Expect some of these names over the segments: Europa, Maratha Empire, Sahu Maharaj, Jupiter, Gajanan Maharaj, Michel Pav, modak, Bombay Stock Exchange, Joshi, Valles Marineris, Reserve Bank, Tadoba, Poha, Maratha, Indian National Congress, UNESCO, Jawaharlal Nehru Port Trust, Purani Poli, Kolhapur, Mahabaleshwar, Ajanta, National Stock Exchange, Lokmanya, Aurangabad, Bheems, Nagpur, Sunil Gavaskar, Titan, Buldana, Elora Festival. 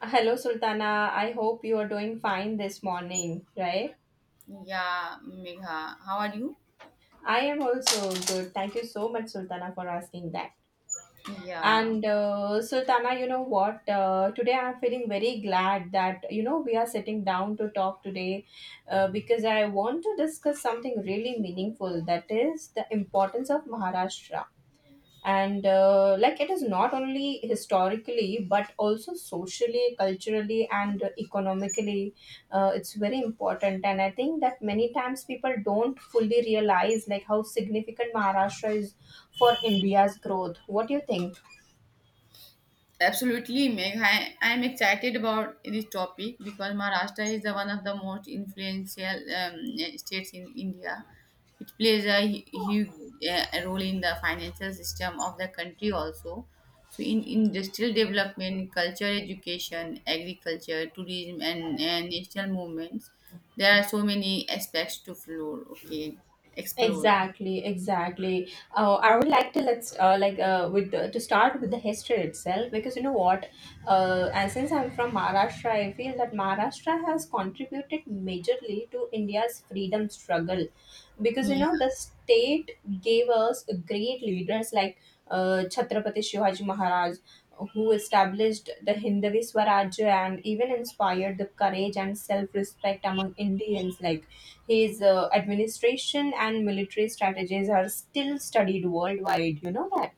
Hello, Sultana. I hope you are doing fine this morning, right? Yeah, Megha, how are you? I am also good. Thank you so much, Sultana, for asking that. Yeah, And Sultana, you know what? Today I'm feeling very glad that we are sitting down to talk today, because I want to discuss something really meaningful, that is the importance of Maharashtra. And like, it is not only historically but also socially, culturally and economically. It's very important, and I think that many times people don't fully realize like how significant Maharashtra is for India's growth. What do you think? absolutely, Megha. I am excited about this topic because Maharashtra is the one of the most influential states in India. It plays a huge role in the financial system of the country also. So in industrial development, culture, education, agriculture, tourism, and national movements, there are so many aspects to explore. Exactly, exactly. I would like to, let's like with the, to start with the history itself, because you know what, and since I'm from Maharashtra, I feel that Maharashtra has contributed majorly to India's freedom struggle, because you Yeah. know the state gave us great leaders like Chhatrapati Shivaji Maharaj, who established the Hindavi Swarajya and even inspired the courage and self-respect among Indians. Like his administration and military strategies are still studied worldwide. You know that.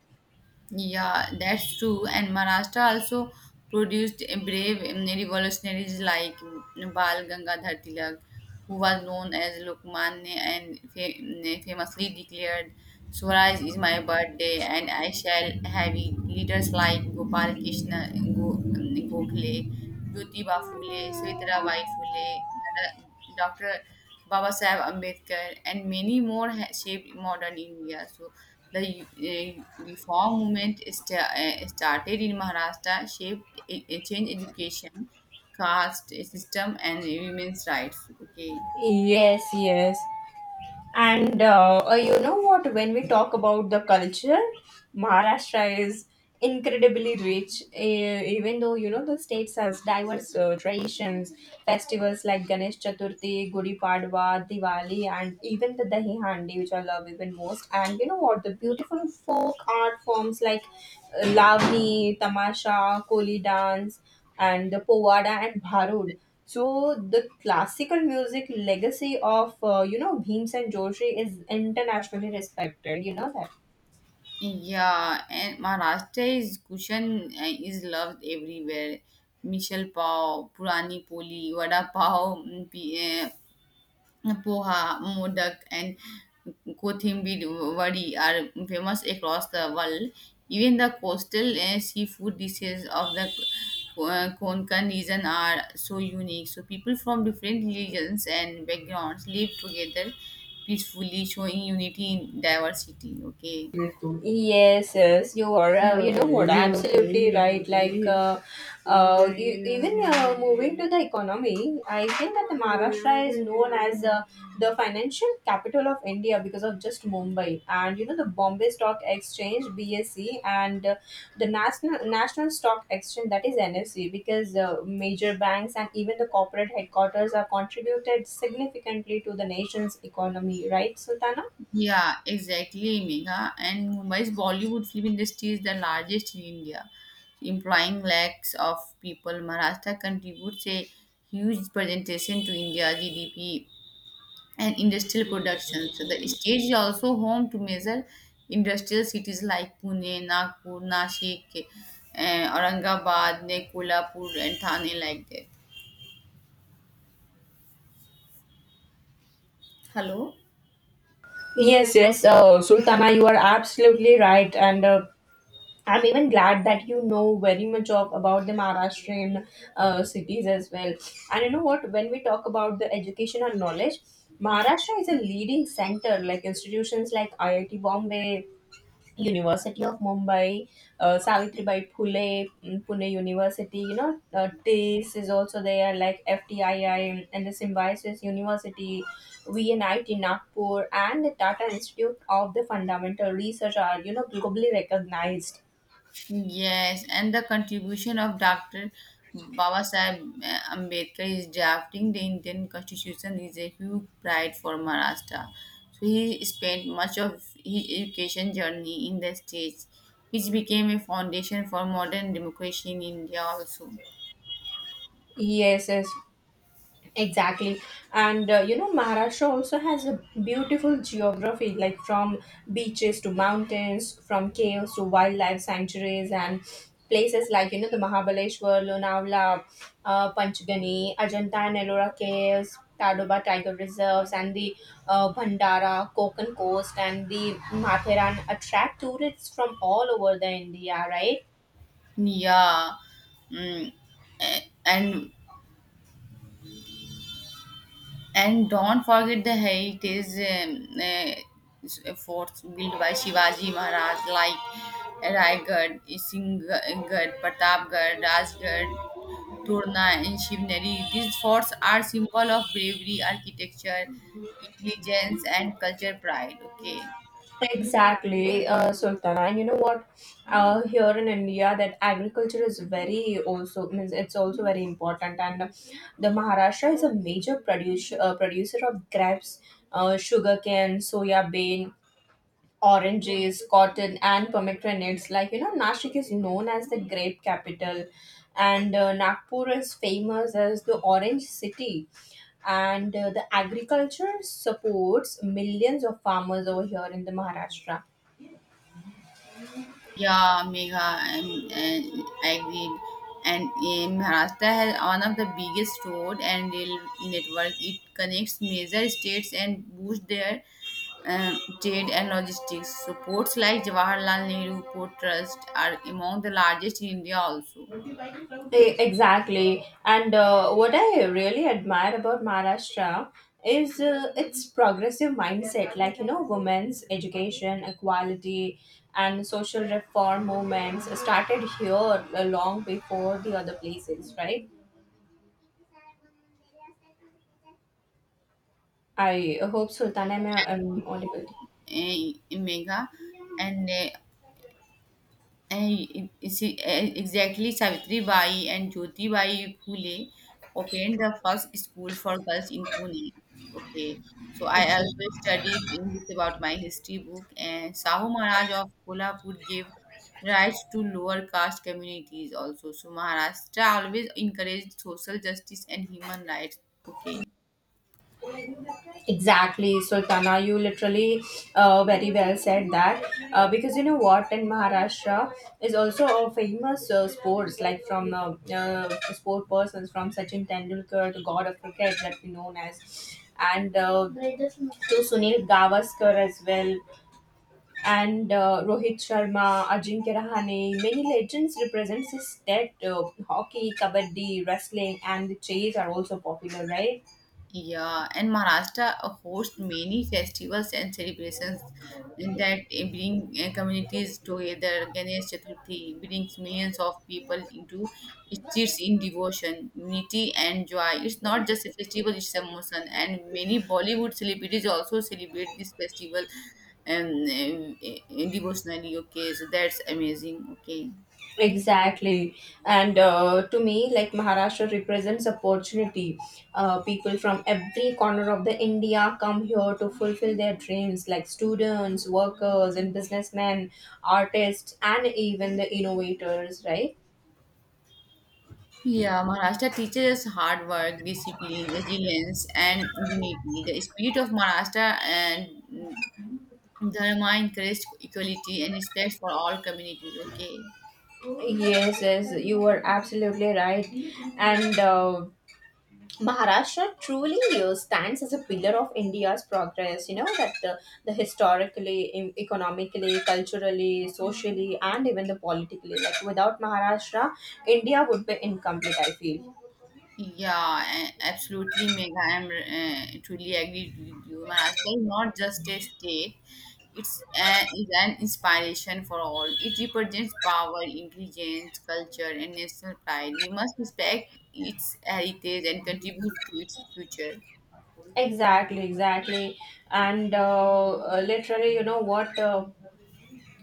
Yeah, that's true. And Maharashtra also produced a brave revolutionaries like Bal Gangadhar Tilak, who was known as Lokmanya and famously declared, Swaraj is my birthday and I shall have it. Leaders like Gopal Krishna Gokhale, Jyotiba Phule, Savitribai Phule, Dr. Baba Saheb Ambedkar, and many more shaped modern India. So the reform movement started in Maharashtra, shaped a change education, caste system, and women's rights. Okay. Yes, yes. And you know what? When we talk about the culture, Maharashtra is incredibly rich. Even though you know the states has diverse traditions, festivals like Ganesh Chaturthi, Gudi Padwa, Diwali, and even the Dahi Handi, which I love even most. And you know what? The beautiful folk art forms like Lavani, Tamasha, Koli dance, and the Povada and Bharud. So the classical music legacy of you know, Bheems and Joshi is internationally respected. You know that. Yeah, and Maharashtra's cushion is loved everywhere. Michel Pav, Purani Poli, Vada Pav, Poha, modak, and kothimiri are famous across the world. Even the coastal seafood dishes of the Konkan region are so unique. So people from different religions and backgrounds live together peacefully, showing unity in diversity. Okay. Yes, yes, you are. You know what? Absolutely right. Like, even moving to the economy, I think that the Maharashtra is known as the financial capital of India because of just Mumbai, and you know, the Bombay Stock Exchange (BSE) and the National Stock Exchange, that is NSE. Because major banks and even the corporate headquarters are contributed significantly to the nation's economy. Right, Sultana? Yeah, exactly, Megha. And Mumbai's Bollywood film industry is the largest in India, employing lakhs of people. Maharashtra contributes a huge presentation to India's GDP and industrial production. So the state is also home to major industrial cities like Pune, Nagpur, Nashik, Aurangabad, Kolhapur, and Thane, like that. Hello. Yes, yes, Sultana, you are absolutely right, and I'm even glad that you know very much of about the Maharashtrian cities as well. And you know what? When we talk about the education and knowledge, Maharashtra is a leading center, like institutions like IIT Bombay, University of Mumbai, Savitribai Phule, mm, Pune University, you know, TIS is also there, like FTII and the Symbiosis University, VNIT Nagpur, and the Tata Institute of the Fundamental Research are, you know, globally recognized. Yes, and the contribution of Dr. Babasaheb Ambedkar is drafting the Indian Constitution is a huge pride for Maharashtra. So he spent much of his education journey in the states, which became a foundation for modern democracy in India also. Yes, yes. Exactly. And you know, Maharashtra also has a beautiful geography, like from beaches to mountains, from caves to wildlife sanctuaries, and places like, you know, the Mahabaleshwar, Lonavala, Panchgani, Ajanta and Ellora caves, Tadoba tiger reserves, and the Bhandara, Konkan coast, and the Matheran attract tourists from all over the India, right? Yeah, mm, a- and And don't forget the heritage forts built by Shivaji Maharaj, like Raigad, Singhgad, Pratapgarh, Rajgarh, Turna, and Shivneri. These forts are symbol of bravery, architecture, intelligence, and culture pride. Okay. Exactly, Sultana. And you know what? Here in India, that agriculture is very also means it's also very important. And the Maharashtra is a major producer of grapes, sugarcane, soya bean, oranges, cotton, and pomegranates. Like, you know, Nashik is known as the grape capital, and Nagpur is famous as the orange city. And the agriculture supports millions of farmers over here in the Maharashtra. Yeah, Megha, I'm, and I agreed. And in Maharashtra has one of the biggest road and rail network. It connects major states and boosts their trade and logistics. So ports like Jawaharlal Nehru Port Trust are among the largest in India also. Exactly. And what I really admire about Maharashtra is its progressive mindset, like, you know, women's education, equality, and social reform movements started here long before the other places, right? I hope, Sultana, I'm audible. Eh, Megha, and uh, And is exactly Savitri Bai and Jyoti Bai Phule opened the first school for girls in Pune. Okay, so I Yes, sir. also studied English about my history book, and Sahu Maharaj of Kolhapur gave rights to lower caste communities also. So Maharashtra always encouraged social justice and human rights. Okay. Exactly, Sultana. You literally very well said that because you know what, in Maharashtra is also a famous sports, like from sport persons from Sachin Tendulkar, the god of cricket that we known as, and to Sunil Gavaskar as well, and Rohit Sharma, Ajinkya Rahane. Many legends represent this state. Hockey, kabaddi, wrestling, and the chase are also popular, right? Yeah, and Maharashtra hosts many festivals and celebrations that bring communities together. Ganesh Chaturthi brings millions of people into streets in devotion, unity, and joy. It's not just a festival; it's a emotion, and many Bollywood celebrities also celebrate this festival devotionally. Okay, so that's amazing. Okay. Exactly. And to me, like Maharashtra represents opportunity. People from every corner of the India come here to fulfill their dreams, like students, workers, and businessmen, artists, and even the innovators, right? Yeah, Maharashtra teaches us hard work, discipline, resilience, and unity. The spirit of Maharashtra and Dharma encouraged equality and respect for all communities. Okay. Yes, yes, you were absolutely right. And Maharashtra truly stands as a pillar of India's progress. You know that, the historically, economically, culturally, socially, and even the politically. Like without Maharashtra, India would be incomplete, I feel. Yeah, absolutely, Megha. I'm truly agree with you. Maharashtra is not just a state; it's an inspiration for all. It represents power, intelligence, culture, and national pride. We must respect its heritage and contribute to its future. Exactly, exactly, and literally, you know what.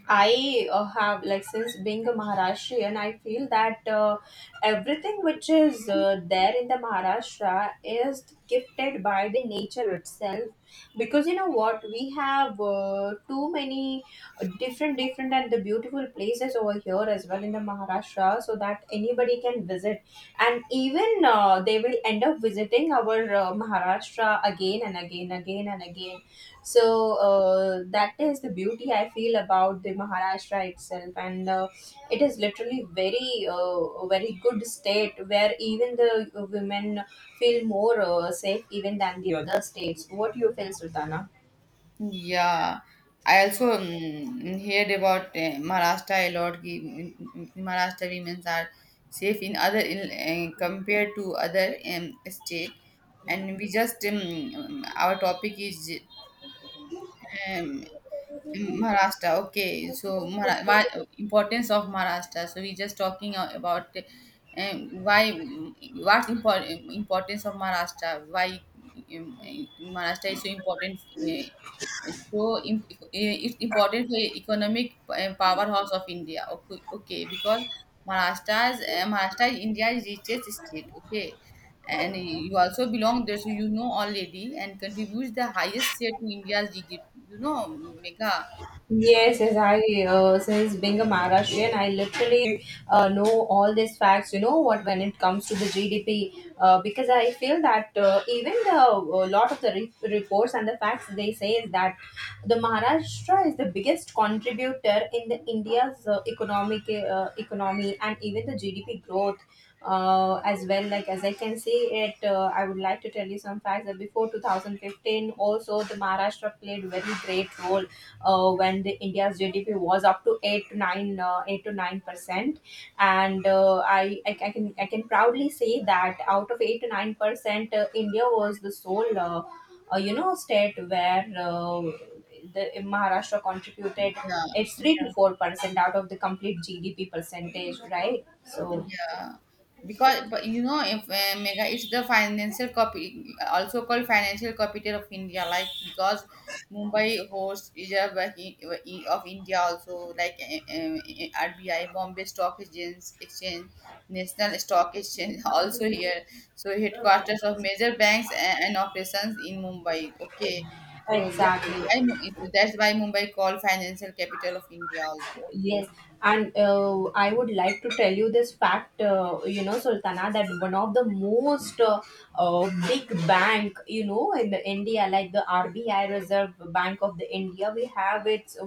I have, like, since being a Maharashtrian, I feel that everything which is there in the Maharashtra is gifted by the nature itself. Because you know what, we have too many different, different and the beautiful places over here as well in the Maharashtra, so that anybody can visit, and even they will end up visiting our Maharashtra again and again, again and again. So that is the beauty I feel about the Maharashtra itself. And it is literally very very good state where even the women feel more safe even than the other states. What do you feel, Sultana? Yeah, I also heard about Maharashtra a lot. Maharashtra women are safe in compared to other state. And we just our topic is um, Maharashtra, okay. So, why importance of Maharashtra? So, we just talking about why, importance of Maharashtra? Why um, Maharashtra is so important? eh, it's important for economic powerhouse of India. Okay, okay, because Maharashtra is India's richest state. Okay, and you also belong there, so you know already, and contributes the highest share to India's GDP. You know, mega. Yes, yes, I since being a Maharashtrian, I literally know all these facts. You know what, when it comes to the GDP, because I feel that even the a lot of the reports and the facts they say is that the Maharashtra is the biggest contributor in the India's economic economy and even the GDP growth as well. Like, as I can see it, I would like to tell you some facts that before 2015 also the Maharashtra played very great role when the India's GDP was up to 8 to 9, 8 to 9%. And I can, I can proudly say that out of 8 to 9%, India was the sole, you know, state where the Maharashtra contributed Yeah, it's 3 to 4% out of the complete GDP percentage, right? So yeah. Because, but you know, if mega, it's the financial copy, also called financial capital of India. Like because Mumbai hosts Reserve Bank of India, also like RBI, Bombay Stock Exchange, National Stock Exchange, also here. So headquarters of major banks and operations in Mumbai. Okay, so exactly. That's why Mumbai called financial capital of India also. Okay. Yes. And I would like to tell you this fact, you know, Sultana, that one of the most big bank, you know, in the India, like the RBI, Reserve Bank of the India, we have its,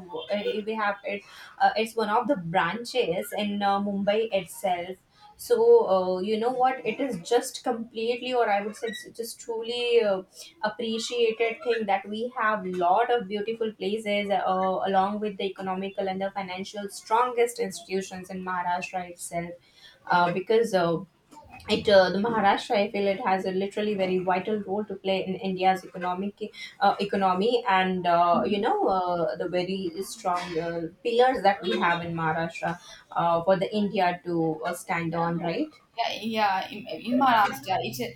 we have it, it's one of the branches in Mumbai itself. So, you know what? It is just completely, or I would say, it's just truly appreciated thing, that we have lot of beautiful places along with the economical and the financial strongest institutions in Maharashtra itself. Because it the Maharashtra, I feel, it has a literally very vital role to play in India's economic economy, and you know, the very strong pillars that we have in Maharashtra for the India to stand on, right. Yeah, yeah. In Maharashtra,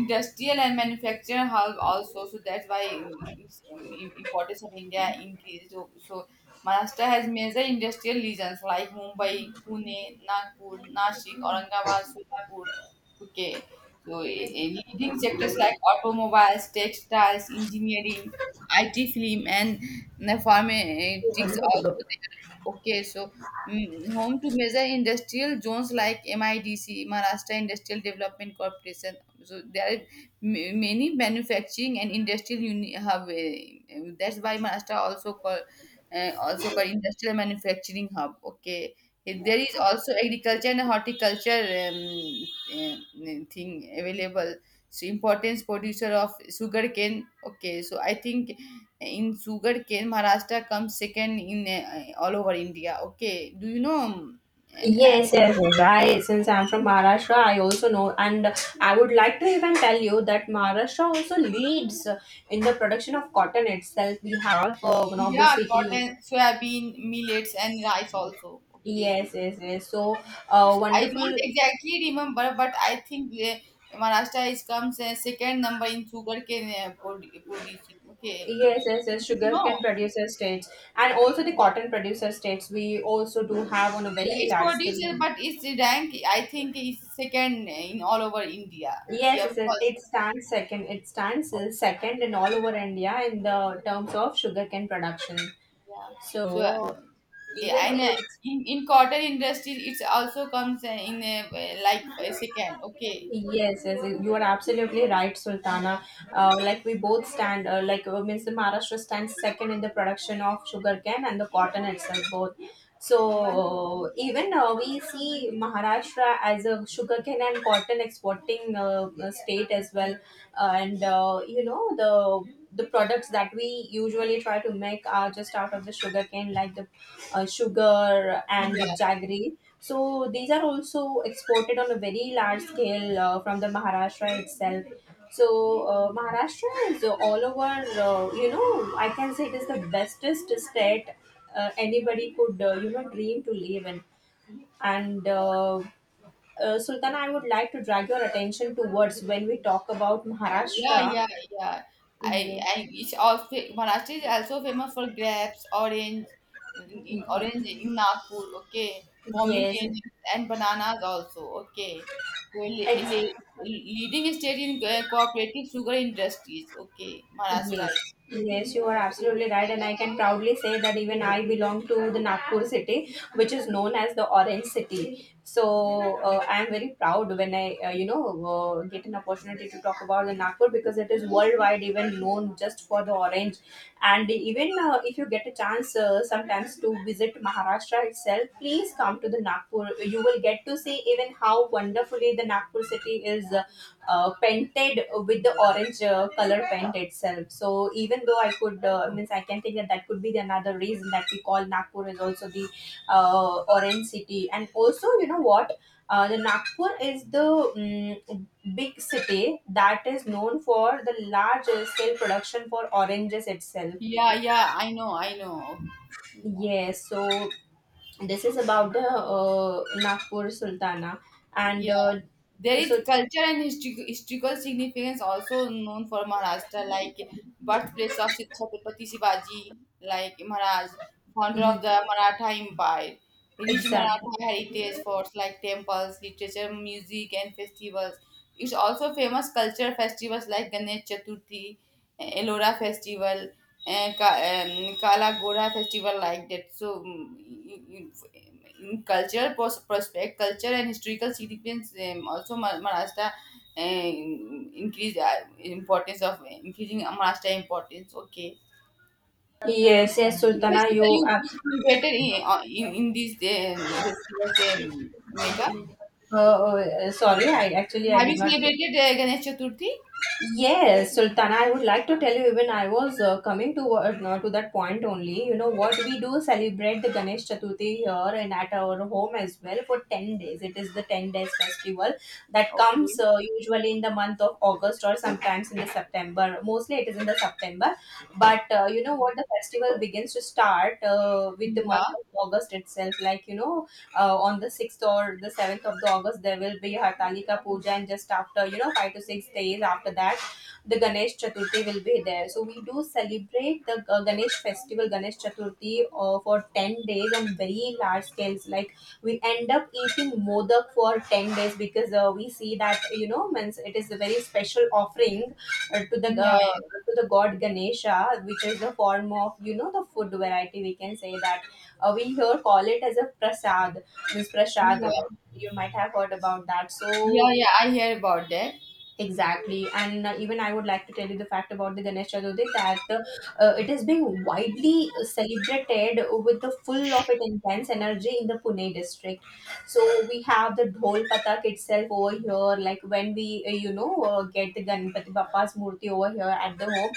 industrial and manufacturing hub also. So that's why it's, importance of India increased. So Maharashtra has major industrial regions like Mumbai, Pune, Nagpur, Nashik, Aurangabad, Solapur. Okay. So leading sectors like automobiles, textiles, engineering, IT, film, and pharmaceutics also there. Okay, so home to major industrial zones like MIDC, Maharashtra Industrial Development Corporation. So there are many manufacturing and industrial hub. That's why Maharashtra also called industrial manufacturing hub. Okay. There is also agriculture and horticulture thing available. So importance producer of sugarcane. Okay, so I think in sugarcane, Maharashtra comes second in all over India. Okay, do you know? Uh, Yes, yes, yes. I, since I'm from Maharashtra, I also know, and I would like to even tell you that Maharashtra also leads in the production of cotton itself. We have one of the yeah, city. cotton, soybean, millets, and rice also. Okay, Yes, yes, yes. So, so I don't wonderful. exactly remember, but I think Maharashtra is comes second number in sugarcane producing. Okay, Yes, yes, yes. no, Sugarcane producer states and also the cotton producer states, we also do have on a yeah, very it's large producer, scale. but its rank I think is second in all over India. Yes, Yeah, yes, yes. first. It stands second. It stands Okay, second in all over India in the terms of sugarcane production. yeah. So, So oh, yeah, even I know. we. In cotton industry, it's also comes like for a second. Okay. Yes, yes, you are absolutely right, Yeah. Sultana. Like we both stand, means the Maharashtra stands second in the production of sugarcane and the cotton itself both. Yeah. So even we see Maharashtra as a sugarcane and cotton exporting state as well. And you know, the products that we usually try to make are just out of the sugarcane, like the sugar and Yeah. the jaggery. So these are also exported on a very large scale from the Maharashtra itself. So Maharashtra is all over. You know, I can say it is the bestest state anybody could you know, dream to live in. And Sultana, I would like to drag your attention towards when we talk about Yeah. Maharashtra. Yeah. Yeah. I, Yeah. I it's also Maharashtra is also famous for grapes, orange, orange in Nagpur. Okay, Yes, pomegranates and bananas also. Okay, well, le- it's. Leading state in cooperative sugar industries. Okay, Maharashtra. Yes, Is. yes, you are absolutely right, and I can proudly say that even I belong to the Nagpur city, which is known as the Orange City. So I am very proud when I, get an opportunity to talk about the Nagpur because it is worldwide even known just for the orange, and even if you get a chance sometimes to visit Maharashtra itself, please come to the Nagpur. You will get to see even how wonderfully the Nagpur city is painted with the orange color paint itself. So even though I could means I can think that that could be the another reason that we call Nagpur is also the orange city. And also, you know what? The Nagpur is the big city that is known for the large scale production for oranges itself. Yeah. Yeah. I know. I know. Yeah. Yes, so this is about the Nagpur, Sultana, and Yeah. uh, There is so culture and historical significance also known for Maharashtra, like birthplace of Chhatrapati Shivaji, like Maharaj, founder of ye- the Maratha Empire, rich exactly. Maratha heritage forts like temples, literature, music, and festivals. It's also famous culture festivals like Ganesh Chaturthi, Elora Festival, uh, Ka- Kala Gora festival like that. So, in cultural prospect, culture and historical significance, also Maharashtra increase importance of increasing Maharashtra importance. Okay, Yes, yes, Sultana, festival you you abs- celebrated in these festivals, Mega. Sorry, I actually I Have you did not get. celebrated Ganesh Chaturthi? Yes, Sultana, I would like to tell you, even I was coming to no, to that point only. You know what, we do celebrate the Ganesh Chaturthi here and at our home as well for 10 days. It is the 10 days festival that comes Okay. Usually in the month of August, or sometimes in the September. Mostly it is in the September. But you know Okay. what, the festival begins to start with the month Yeah. of August itself, like, you know, on the 6th or the 7th of the August, there will be Hartalika Puja, and just after, you know, 5 to 6 days after that, the Ganesh Chaturthi will be there. So we do celebrate the Ganesh festival, Ganesh Chaturthi, for 10 days on very large scales. Like, we end up eating modak for 10 days because we see that, you know, means, it is a very special offering uh, to the Yeah. uh, to the god Ganesha, which is the form of, you know, the food variety. We can say that we here call it as a prasad, means prasad. Yeah. You might have heard about that. Yeah. So Yeah. I hear about that. exactly, and even I would like to tell you the fact about the Ganesh Chaturthi that it is being widely celebrated with the full of it intense energy in the Pune district. So we have the Dhol Patak itself over here. Like, when we, you know, get the Ganpati Bappa's murti over here at the home,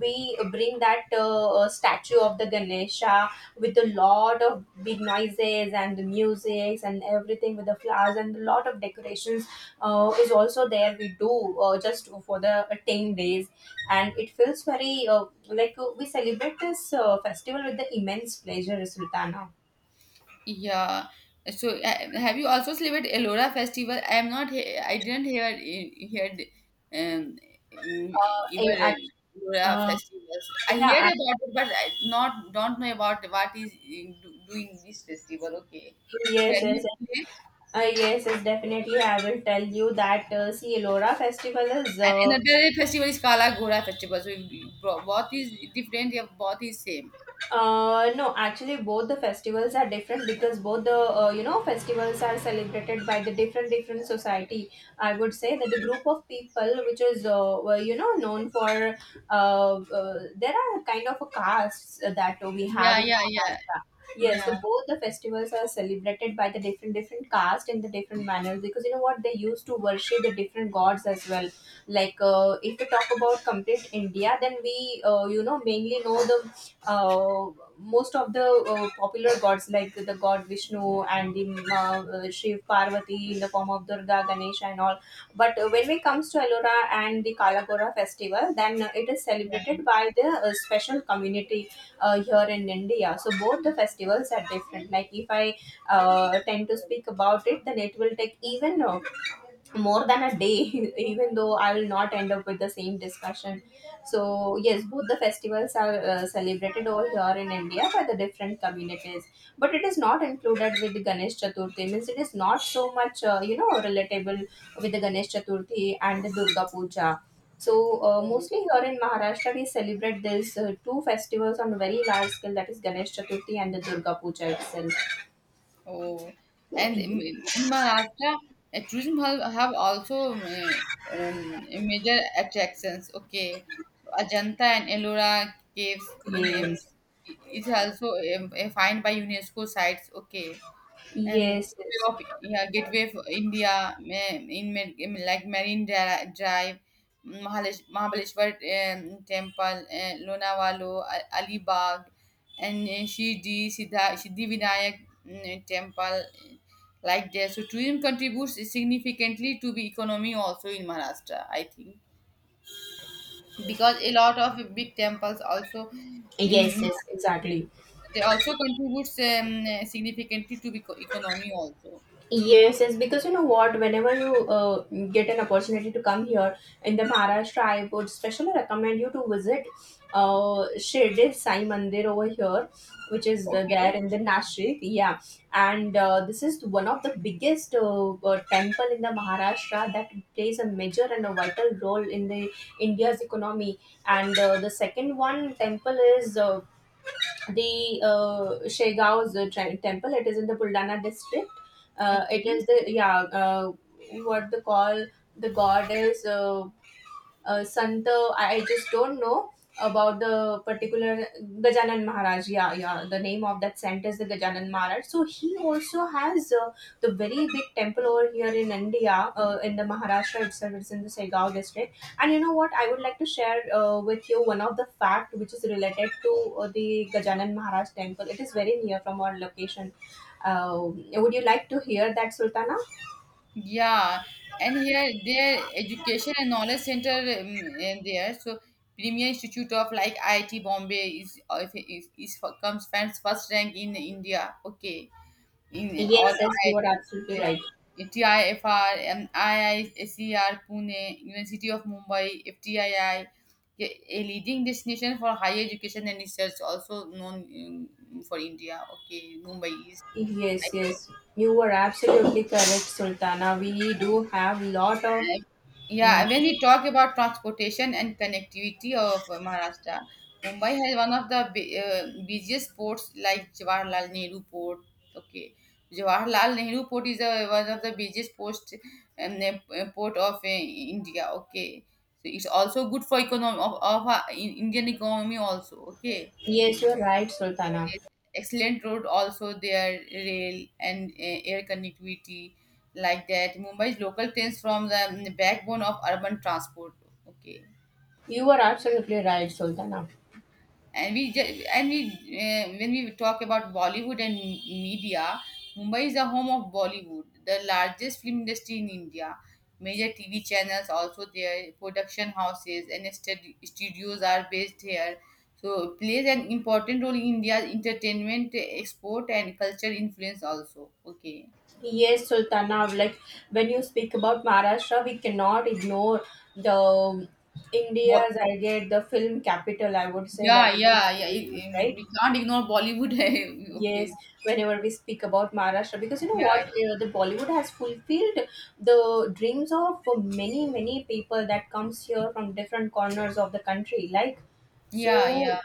we bring that statue of the Ganesha with a lot of big noises and the music and everything, with the flowers and a lot of decorations is also there we do, just for the 10 days, and it feels very we celebrate this festival with the immense pleasure, Sultana. Yeah. So have you also celebrated Ellora festival? I am not. I didn't hear heard um uh, in even act- Ellora uh, festivals. I heard yeah, about it, but I not don't know about what is doing this festival. Okay. actually, So yes, can you yes, explain? yes. uh, yes, yes, definitely, I will tell you that. See, Elora festival is And another festival is Kala Gora festival. So bo- both is different. Yeah, both is same. uh, no, actually, both the festivals are different, because both the you know, festivals are celebrated by the different different society. I would say that the Okay. group of people which is were, you know, known for there are kind of a castes that we have Yeah, in yeah, yeah, Maharashtra. Yes, so yeah, both the festivals are celebrated by the different different caste in the different manners, because, you know what, they used to worship the different gods as well. Like, if we talk about complete India, then we you know, mainly know the most of the popular gods like the god Vishnu and the Shiv Parvati in the form of Durga, Ganesha, and all. But when it comes to Ellora and the Kalagora festival, then it is yeah, celebrated by the special community here in India. So both the festivals are different. Like, if I tend to speak about it, then it will take even more than a day even though I will not end up with the same discussion. So yes, both the festivals are celebrated all here in India by the different communities, but it is not included with the Ganesh Chaturthi, means it is not so much you know, relatable with the Ganesh Chaturthi and the Durga Puja. So yeah. mostly here in Maharashtra, we celebrate these two festivals on a very large scale, that is Ganesh Chaturthi and the Durga Puja itself. Oh, and Mhm. In Maharashtra, tourism have also major attractions. Okay, Ajanta and Ellora caves in Yes, is also find by UNESCO sites. Okay, yes, yes. Gateway of India in like Marine Drive, Mahalish Mahabaleshwar Temple, Lonavalo, Alibag, and Shirdi Siddha Siddhi Vinayak Temple, like that. So tourism contributes significantly to the economy also in Maharashtra, I think, because a lot of big temples also Yes, in yes, exactly. they also contributes significantly to the economy also. Yes, yes, because, you know what, whenever you get an opportunity to come here in the Maharashtra, I would especially recommend you to visit Shirdi Sai Mandir over here, which is the, there Okay. in the Nashik. Yeah, and this is one of the biggest temple in the Maharashtra that plays a major and a vital role in the India's economy. And the second one temple is the Shegao's temple. It is in the Buldana district. It Okay. is the, yeah, what they call, the god is Sant, I just don't know about the particular Gajanan Maharaj. Yeah, yeah. The name of that saint is the Gajanan Maharaj. So he also has the very big temple over here in India, in the Maharashtra itself. It's in the Segao district. And you know what, I would like to share with you one of the fact which is related to the Gajanan Maharaj temple. It is very near from our location. Uh, would you like to hear that, Sultana? Yeah. And here their education and knowledge center and there. So Premier Institute of like IIT Bombay is if is, is for- comes fans first rank in India. Okay. In all Yes, yes, you are IIT. absolutely right. Yeah. TIFR and IISER Pune, University of Mumbai, FTII, a leading destination for higher education and research, also known for India. Okay, Mumbai is. Yes, yes, you were absolutely correct, Sultana. We do have lot of. Mm, Yeah, when we talk about transportation and connectivity of Maharashtra, Mumbai has one of the busiest ports like Jawaharlal Nehru Port. Okay, Jawaharlal Nehru Port is one of the busiest post port of India. Okay, so it's also good for economy of Indian economy also. Okay. yes, you're right, Sultana. Yes, excellent road also there rail and air connectivity like that, Mumbai's local trains from the backbone of urban transport. Okay, You were absolutely right, Sultana. and we ju- and we when we talk about Bollywood and media, Mumbai is the home of Bollywood, the largest film industry in India. Major TV channels also there, production houses and studios are based here. So plays an important role in India's entertainment export and culture influence also. Okay. Yes, Sultana. Like, when you speak about Maharashtra, we cannot ignore the Bo- India's, I get, the film capital. I would say yeah, that it is yeah, yeah. Bollywood, right? We can't ignore Bollywood. Okay. Yes, whenever we speak about Maharashtra, because, you know what, Yeah, the Bollywood has fulfilled the dreams of many many people that comes here from different corners of the country. Like, yeah, yeah, so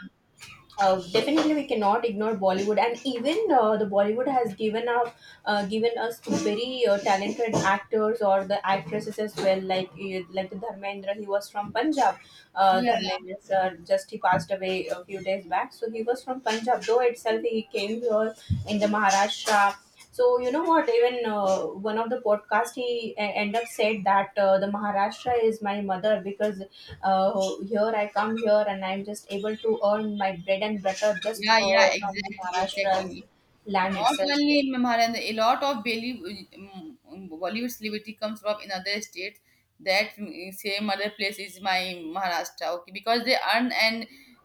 definitely we cannot ignore Bollywood, and even the Bollywood has given up, given us very talented actors or the actresses as well. Like, like the Dharmendra, he was from Punjab. Yeah. Dharmendra sir just he passed away a few days back, so he was from Punjab. Though itself, he came here in the Maharashtra. So you know what, even one of the podcast he end up said that the Maharashtra is my mother, because here I come here and I'm just able to earn my bread and butter just Yeah, yeah, from the exactly, Maharashtra's exactly. land Not itself. only in Maharashtra, a lot of Bollywood celebrity comes from in other states. That same other place is my Maharashtra, okay, because they earn and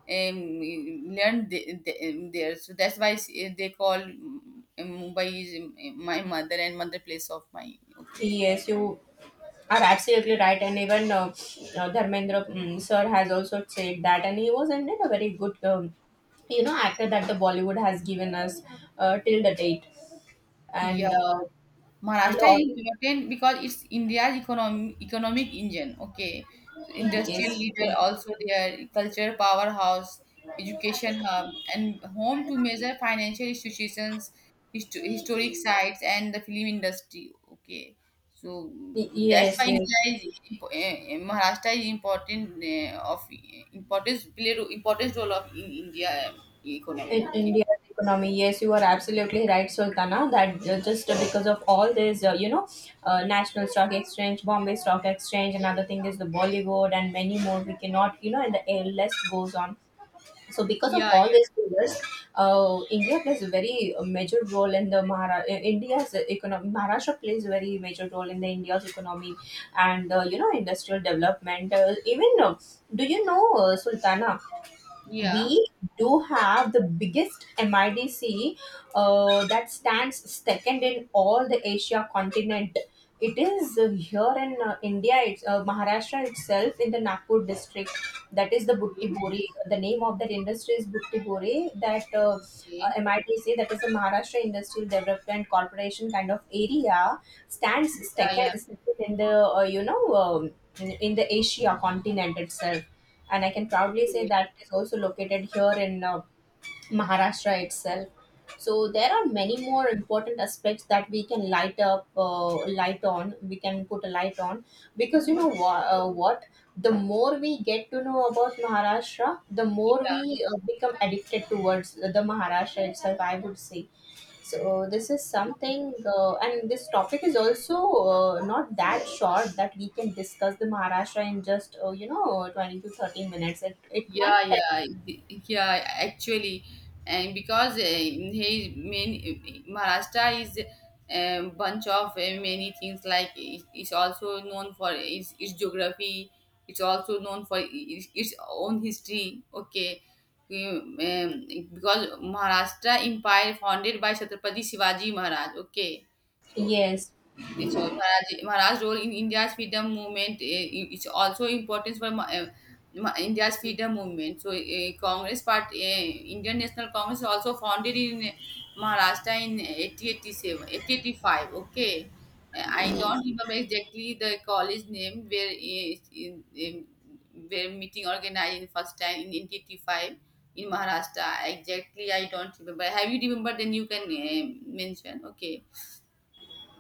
um, learn there, so that's why they call Mumbai is my mother and mother place of my. So Okay. yes, you are absolutely right. And even Dharmendra sir has also said that, and he was indeed a very good, um, you know, actor that the Bollywood has given us till the date, and Yeah. uh, and Maharashtra all. is important because it's India's economic engine. Okay, so In industrial leader also their culture powerhouse, education hub, and home to major financial institutions, historic sites, and the film industry. Okay, so Yes, that's yes, why yes. India is impo- eh, eh, Maharashtra is important importance importance role of in India economy. In Okay, India's economy, yes, you are absolutely right, Sultana, that just because of all this, you know, National Stock Exchange, Bombay Stock Exchange, another thing is the Bollywood, and many more we cannot, you know, and the list goes on. So because yeah, of all these yeah, pillars, India plays a very major role in the India's economy. Maharashtra plays a very major role in the India's economy. And you know, industrial development, even do you know, Sultana, yeah. we do have the biggest MIDC that stands second in all the Asia continent. It is here in India, it's Maharashtra itself, in the Nagpur district. That is the Butti. Okay, The name of that industry is Butti. That okay, MIDC, that is the Maharashtra Industrial Development Corporation kind of area, stands yeah, second, yeah. second in the in the Asia continent itself, and I can proudly say Okay. that it is also located here in Maharashtra itself. So there are many more important aspects that we can light up, light on. We can put a light on, because, you know, what? The more we get to know about Maharashtra, the Yeah, more we become addicted towards the Maharashtra itself, I would say. So this is something, and this topic is also not that short that we can discuss the Maharashtra in just you know, 20 to 30 minutes. It might yeah, take, yeah, yeah. Actually, and because he main Maharashtra is a bunch of many things. Like it's also known for its geography. It's also known for its own history. Okay. Um, um, because Maharashtra Empire founded by Chhatrapati Shivaji Maharaj. Okay, so yes. so Maharaj's role in India's freedom movement is also important for India's freedom movement. So Congress Party, Indian National Congress also founded in Maharashtra in 1887, 1885. Okay. I don't remember exactly the college name where where meeting organized in first time in 1885 in Maharashtra. Exactly, I don't remember. Have you remembered? Then you can mention. Okay.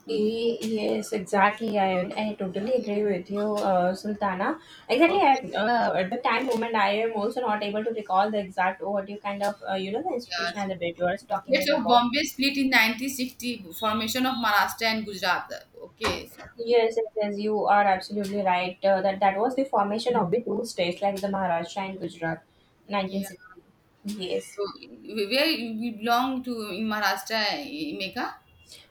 Hmm. Yes, exactly. I totally agree with you, Sultana. Exactly. Okay, At the time moment, I am also not able to recall the exact what you kind of, you know, the yeah, institution so and the bit you are talking States this of about. Bombay split in 1960, formation of Maharashtra and Gujarat. Okay. Yes, yes, yes, you are absolutely right. That was the formation of the two states, like the Maharashtra and Gujarat, Yeah. 1960. Yes. So where we belong to in Maharashtra, eh, Megha?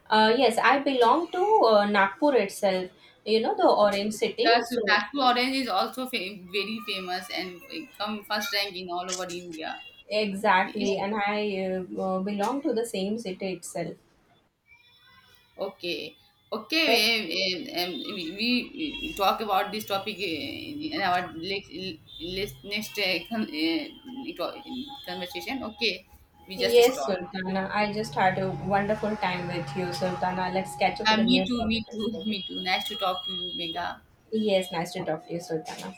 Yes, I belong to Nagpur itself. You know, the Oh, Orange City. yeah, so So Nagpur orange is also very famous and it come first rank in all over India. Okay. exactly, and I uh, belong to the same city itself. Okay. Okay, we, we we talk about this topic in our next to- conversation. Okay, we just Yes, stop. Sultana, I just had a wonderful time with you, Sultana. Let's catch up Yeah, with a new me topic as too, well. me too. Nice to talk to you, Megha. Yes, nice to talk to you, Sultana.